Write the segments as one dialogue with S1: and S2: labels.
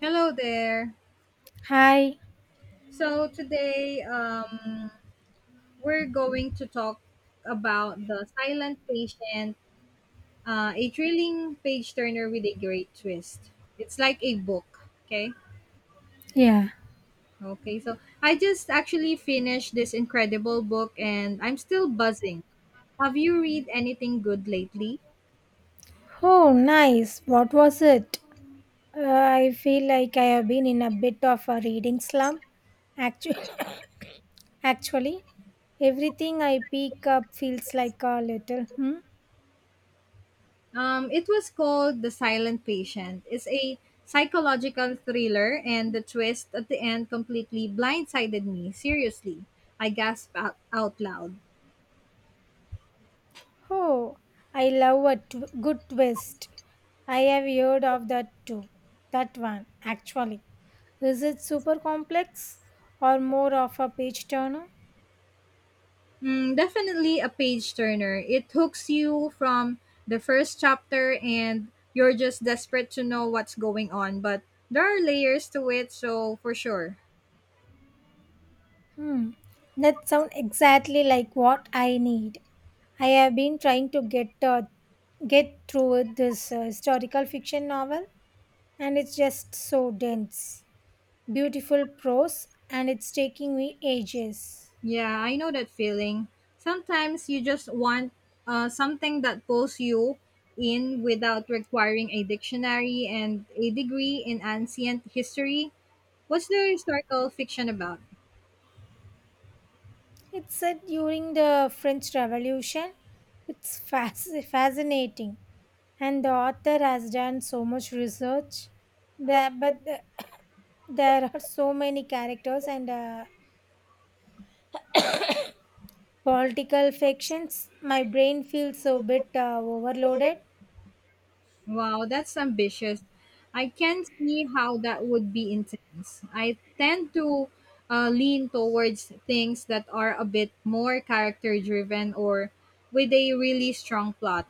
S1: Hello there.
S2: Hi.
S1: So today we're going to talk about The Silent Patient, a thrilling page turner with a great twist. It's like a book, okay?
S2: Yeah.
S1: Okay, so I just actually finished this incredible book and I'm still buzzing. Have you read anything good lately?
S2: Oh, nice. What was it? I feel like I have been in a bit of a reading slump. Actually, actually, everything I pick up feels like a little. Hmm?
S1: It was called The Silent Patient. It's a psychological thriller, and the twist at the end completely blindsided me. Seriously, I gasped out loud.
S2: Oh, I love a good twist. I have heard of that too. That one, actually. Is it super complex or more of a page turner?
S1: Mm, definitely a page turner. It hooks you from the first chapter, and you're just desperate to know what's going on, but there are layers to it, so for sure.
S2: Hmm. That sounds exactly like what I need. I have been trying to get through this historical fiction novel, and it's just so dense, beautiful prose, and it's taking me ages.
S1: Yeah, I know that feeling. Sometimes you just want something that pulls you in without requiring a dictionary and a degree in ancient history. What's the historical fiction about?
S2: It's set during the French Revolution. It's fascinating, and the author has done so much research. There, but the- there are so many characters and political factions, my brain feels a bit overloaded.
S1: Wow, that's ambitious. I can see how that would be intense. I tend to lean towards things that are a bit more character driven or with a really strong plot.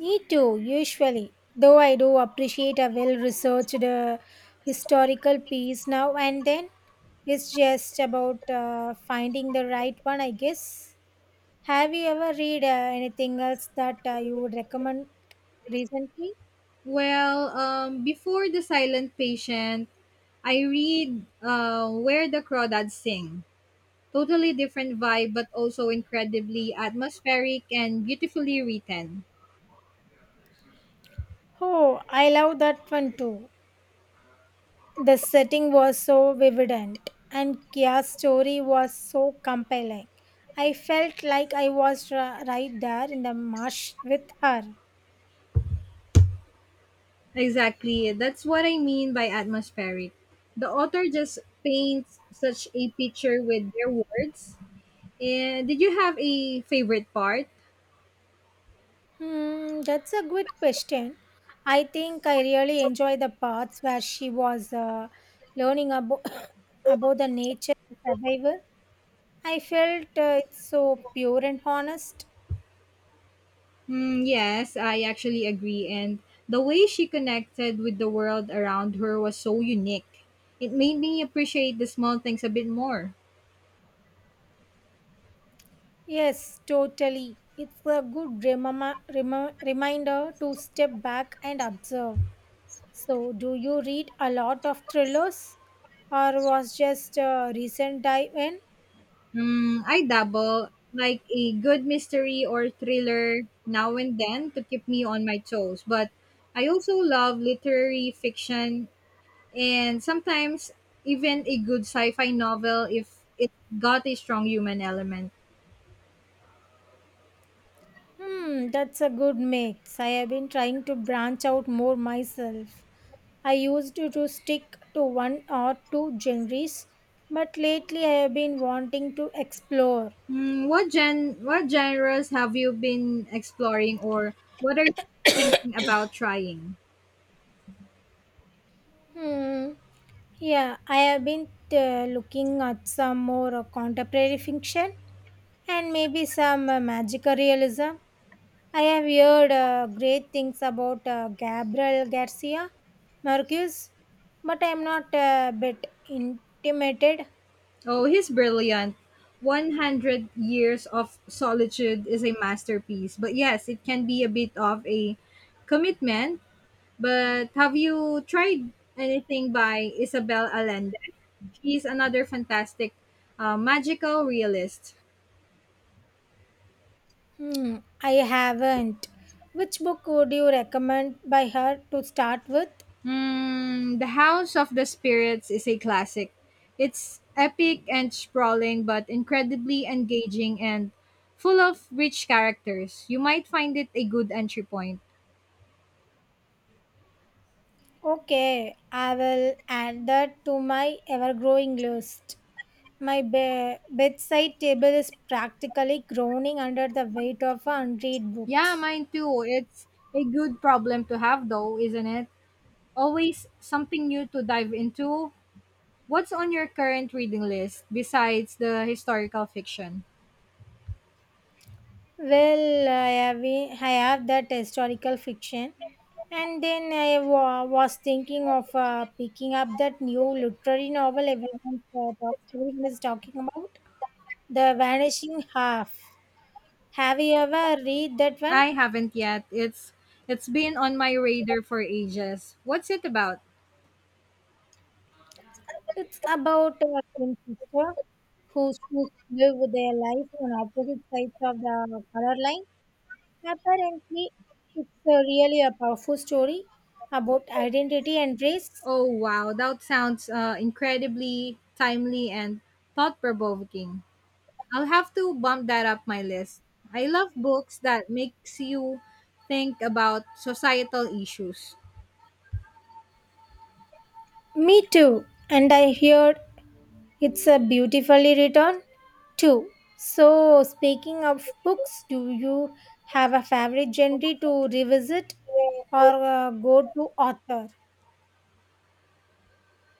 S2: Me too, usually. Though I do appreciate a well researched historical piece now and then. It's just about finding the right one, I guess. Have you ever read anything else that you would recommend recently?
S1: Well, before The Silent Patient, I read Where the Crawdads Sing. Totally different vibe, but also incredibly atmospheric and beautifully written.
S2: Oh, I love that one too. The setting was so vividant, and Kia's story was so compelling. I felt like I was right there in the marsh with her.
S1: Exactly. That's what I mean by atmospheric. The author just paints such a picture with their words. And did you have a favorite part?
S2: Hmm, that's a good question. I think I really enjoy the parts where she was learning about about the nature and survival. I felt it's so pure and honest.
S1: Mm, yes, I actually agree. And the way she connected with the world around her was so unique. It made me appreciate the small things a bit more.
S2: Yes, totally. It's a good reminder to step back and observe. So, do you read a lot of thrillers, or was just a recent dive in?
S1: Mm, I dabble like a good mystery or thriller now and then to keep me on my toes. But I also love literary fiction and sometimes even a good sci fi novel if it got a strong human element.
S2: Hmm, that's a good mix. I have been trying to branch out more myself. I used to stick to one or two genres, but lately I have been wanting to explore.
S1: Mm, what genres have you been exploring or what are you thinking about trying?
S2: Hmm, yeah, I have been looking at some more contemporary fiction and maybe some magical realism. I have heard great things about Gabriel Garcia Marquez, but I am not a bit intimidated.
S1: Oh, he's brilliant. 100 Years of Solitude is a masterpiece. But yes, it can be a bit of a commitment. But have you tried anything by Isabel Allende? She's another fantastic magical realist.
S2: Hmm, I haven't. Which book would you recommend by her to start with?
S1: Hmm, the House of the Spirits is a classic. It's epic and sprawling, but incredibly engaging and full of rich characters. You might find it a good entry point.
S2: Okay, I will add that to my ever growing list. My bedside table is practically groaning under the weight of unread
S1: Yeah,
S2: books.
S1: mine too. It's a good problem to have, though, isn't it? Always something new to dive into. What's on your current reading list besides the historical fiction?
S2: Well, I have that historical fiction, and then I was thinking of picking up that new literary novel everyone is talking about, The Vanishing Half. Have you ever read that one?
S1: I haven't yet. It's been on my radar for ages. What's it about?
S2: It's about a twin sister who choose to live their life on opposite sides of the color line. Apparently, it's a really a powerful story about identity and race.
S1: Oh, wow. That sounds incredibly timely and thought provoking. I'll have to bump that up my list. I love books that makes you think about societal issues.
S2: Me too. And I heard it's a beautifully written too. So, speaking of books, do you have a favorite genre to revisit or go to author?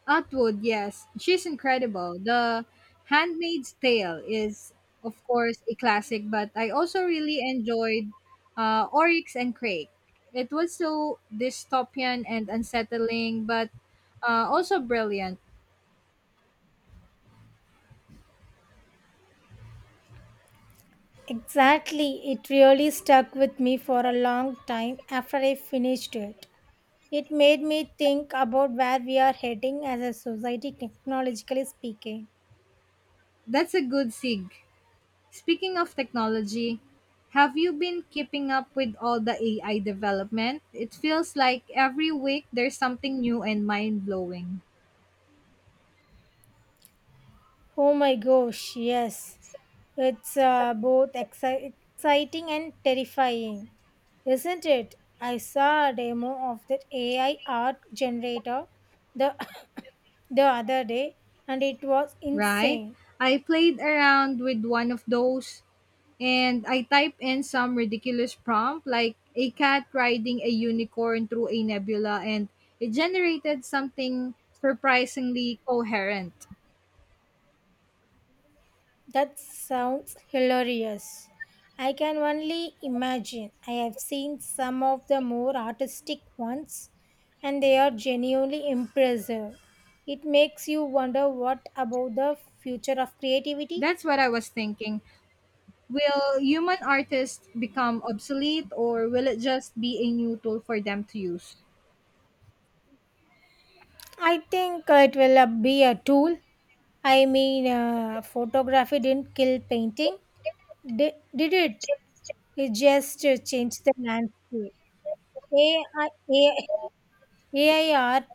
S1: Atwood, yes, she's incredible. The Handmaid's Tale is, of course, a classic, but I also really enjoyed Oryx and Crake. It was so dystopian and unsettling, but also brilliant.
S2: Exactly. It really stuck with me for a long time after I finished it. It made me think about where we are heading as a society, technologically speaking.
S1: That's a good sig. Speaking of technology, have you been keeping up with all the AI development? It feels like every week there's something new and mind blowing,
S2: Oh my gosh, yes. It's both exciting and terrifying, isn't it? I saw a demo of that AI art generator the, the other day and it was
S1: right?
S2: insane.
S1: I played around with one of those and I typed in some ridiculous prompt like a cat riding a unicorn through a nebula and it generated something surprisingly coherent.
S2: That sounds hilarious. I can only imagine. I have seen some of the more artistic ones and they are genuinely impressive. It makes you wonder what about the future of creativity?
S1: That's what I was thinking. Will human artists become obsolete or will it just be a new tool for them to use?
S2: I think it will be a tool. I mean, photography didn't kill painting, did it? It just changed the landscape. AI, AI art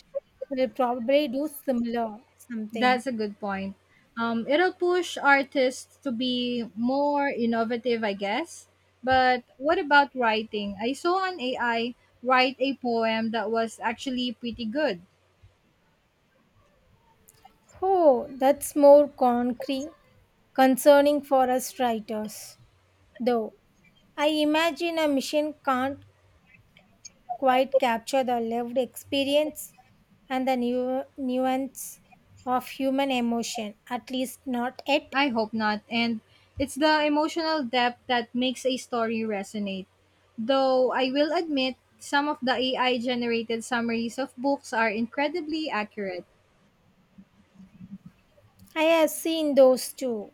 S2: will probably do similar something.
S1: That's a good point. It'll push artists to be more innovative, I guess. But what about writing? I saw an AI write a poem that was actually pretty good.
S2: Oh, that's more concerning for us writers. Though I imagine a machine can't quite capture the lived experience and the nuance of human emotion. At least not yet.
S1: I hope not. And it's the emotional depth that makes a story resonate. Though I will admit, some of the AI generated summaries of books are incredibly accurate.
S2: I have seen those too.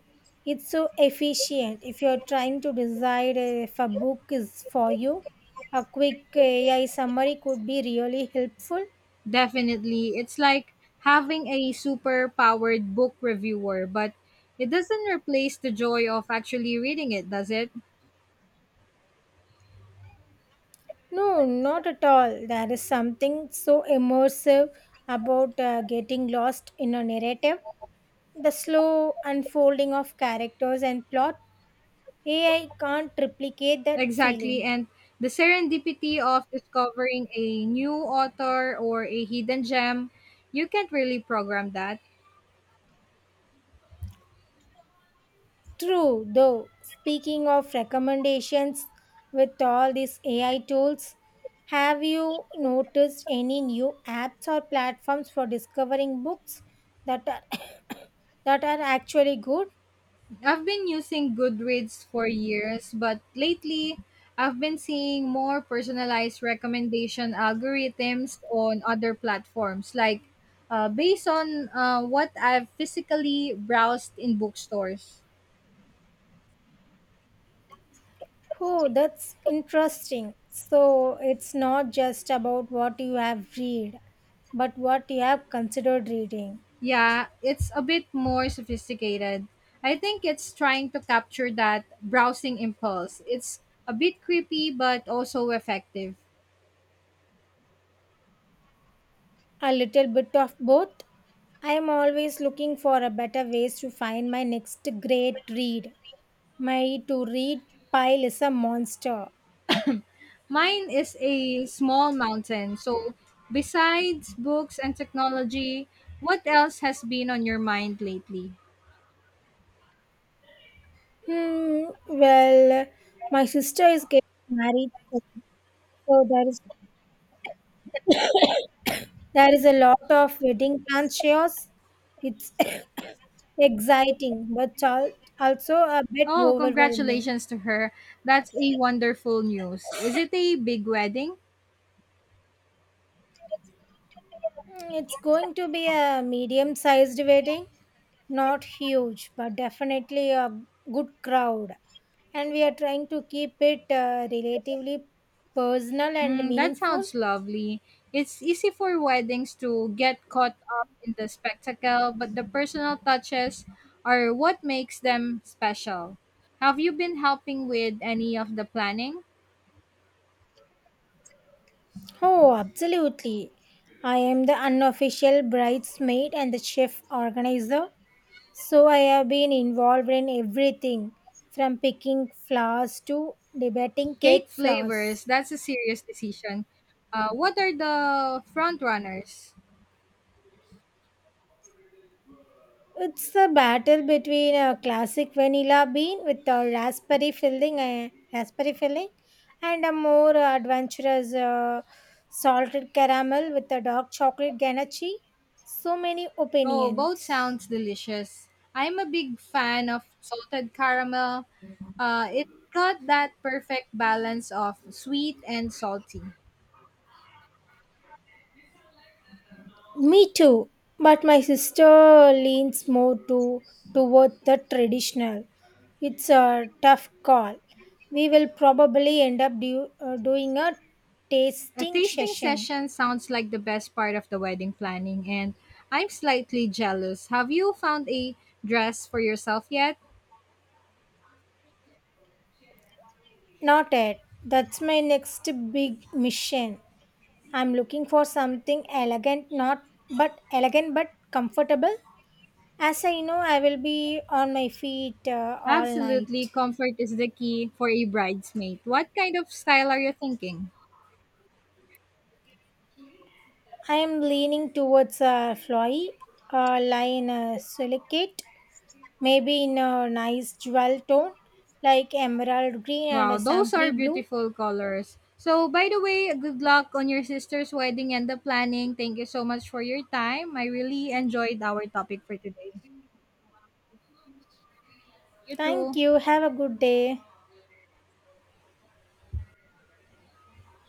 S2: It's so efficient. If you're trying to decide if a book is for you, a quick AI summary could be really helpful.
S1: Definitely. It's like having a super powered book reviewer, but it doesn't replace the joy of actually reading it, does it?
S2: No, not at all. There is something so immersive about getting lost in a narrative. The slow unfolding of characters and plot AI can't replicate that
S1: Exactly.
S2: feeling.
S1: And the serendipity of discovering a new author or a hidden gem, you can't really program that.
S2: True, though, speaking of recommendations with all these AI tools, have you noticed any new apps or platforms for discovering books that are that are actually good?
S1: I've been using Goodreads for years, but lately I've been seeing more personalized recommendation algorithms on other platforms, like based on what I've physically browsed in bookstores.
S2: Oh, that's interesting. So it's not just about what you have read, but what you have considered reading.
S1: Yeah, it's a bit more sophisticated. I think it's trying to capture that browsing impulse. It's a bit creepy, but also effective.
S2: A little bit of both. I am always looking for a better ways to find my next great read. My to read pile is a monster.
S1: Mine is a small mountain. So, besides books and technology, what else has been on your mind lately?
S2: Hmm. Well, my sister is getting married, soon, so there is a lot of wedding plan chaos. It's exciting, but also a bit
S1: Oh,
S2: overwhelming.
S1: congratulations to her. That's a wonderful news. Is it a big wedding?
S2: Mm, it's going to be a medium sized wedding, not huge, but definitely a good crowd. And we are trying to keep it relatively personal and
S1: Mm, that
S2: meaningful.
S1: sounds lovely. It's easy for weddings to get caught up in the spectacle, but the personal touches are what makes them special. Have you been helping with any of the planning?
S2: Oh, absolutely. I am the unofficial bridesmaid and the chef organizer. So I have been involved in everything from picking flowers to debating
S1: Cake
S2: cake
S1: flavors,
S2: flowers.
S1: that's a serious decision. What are the front runners?
S2: It's a battle between a classic vanilla bean with a raspberry filling, and a more adventurous salted caramel with a dark chocolate ganache. So many
S1: Oh,
S2: opinions.
S1: both sounds delicious. I'm a big fan of salted caramel. It got that perfect balance of sweet and salty.
S2: Me too, but my sister leans more to toward the traditional. It's a tough call. We will probably end up doing a
S1: A
S2: tasting
S1: tasting
S2: session.
S1: session sounds like the best part of the wedding planning, and I'm slightly jealous. Have you found a dress for yourself yet?
S2: Not yet. That's my next big mission. I'm looking for something elegant, not but elegant but comfortable. As I know, I will be on my feet all night.
S1: Absolutely, comfort is the key for a bridesmaid. What kind of style are you thinking?
S2: I am leaning towards a flowy, lie in a silicate, maybe in a nice jewel tone like emerald green and
S1: Wow,
S2: a
S1: those
S2: sampree
S1: are
S2: blue.
S1: beautiful colors. So, by the way, good luck on your sister's wedding and the planning. Thank you so much for your time. I really enjoyed our topic for today. You
S2: Thank
S1: too.
S2: you. Have a good day.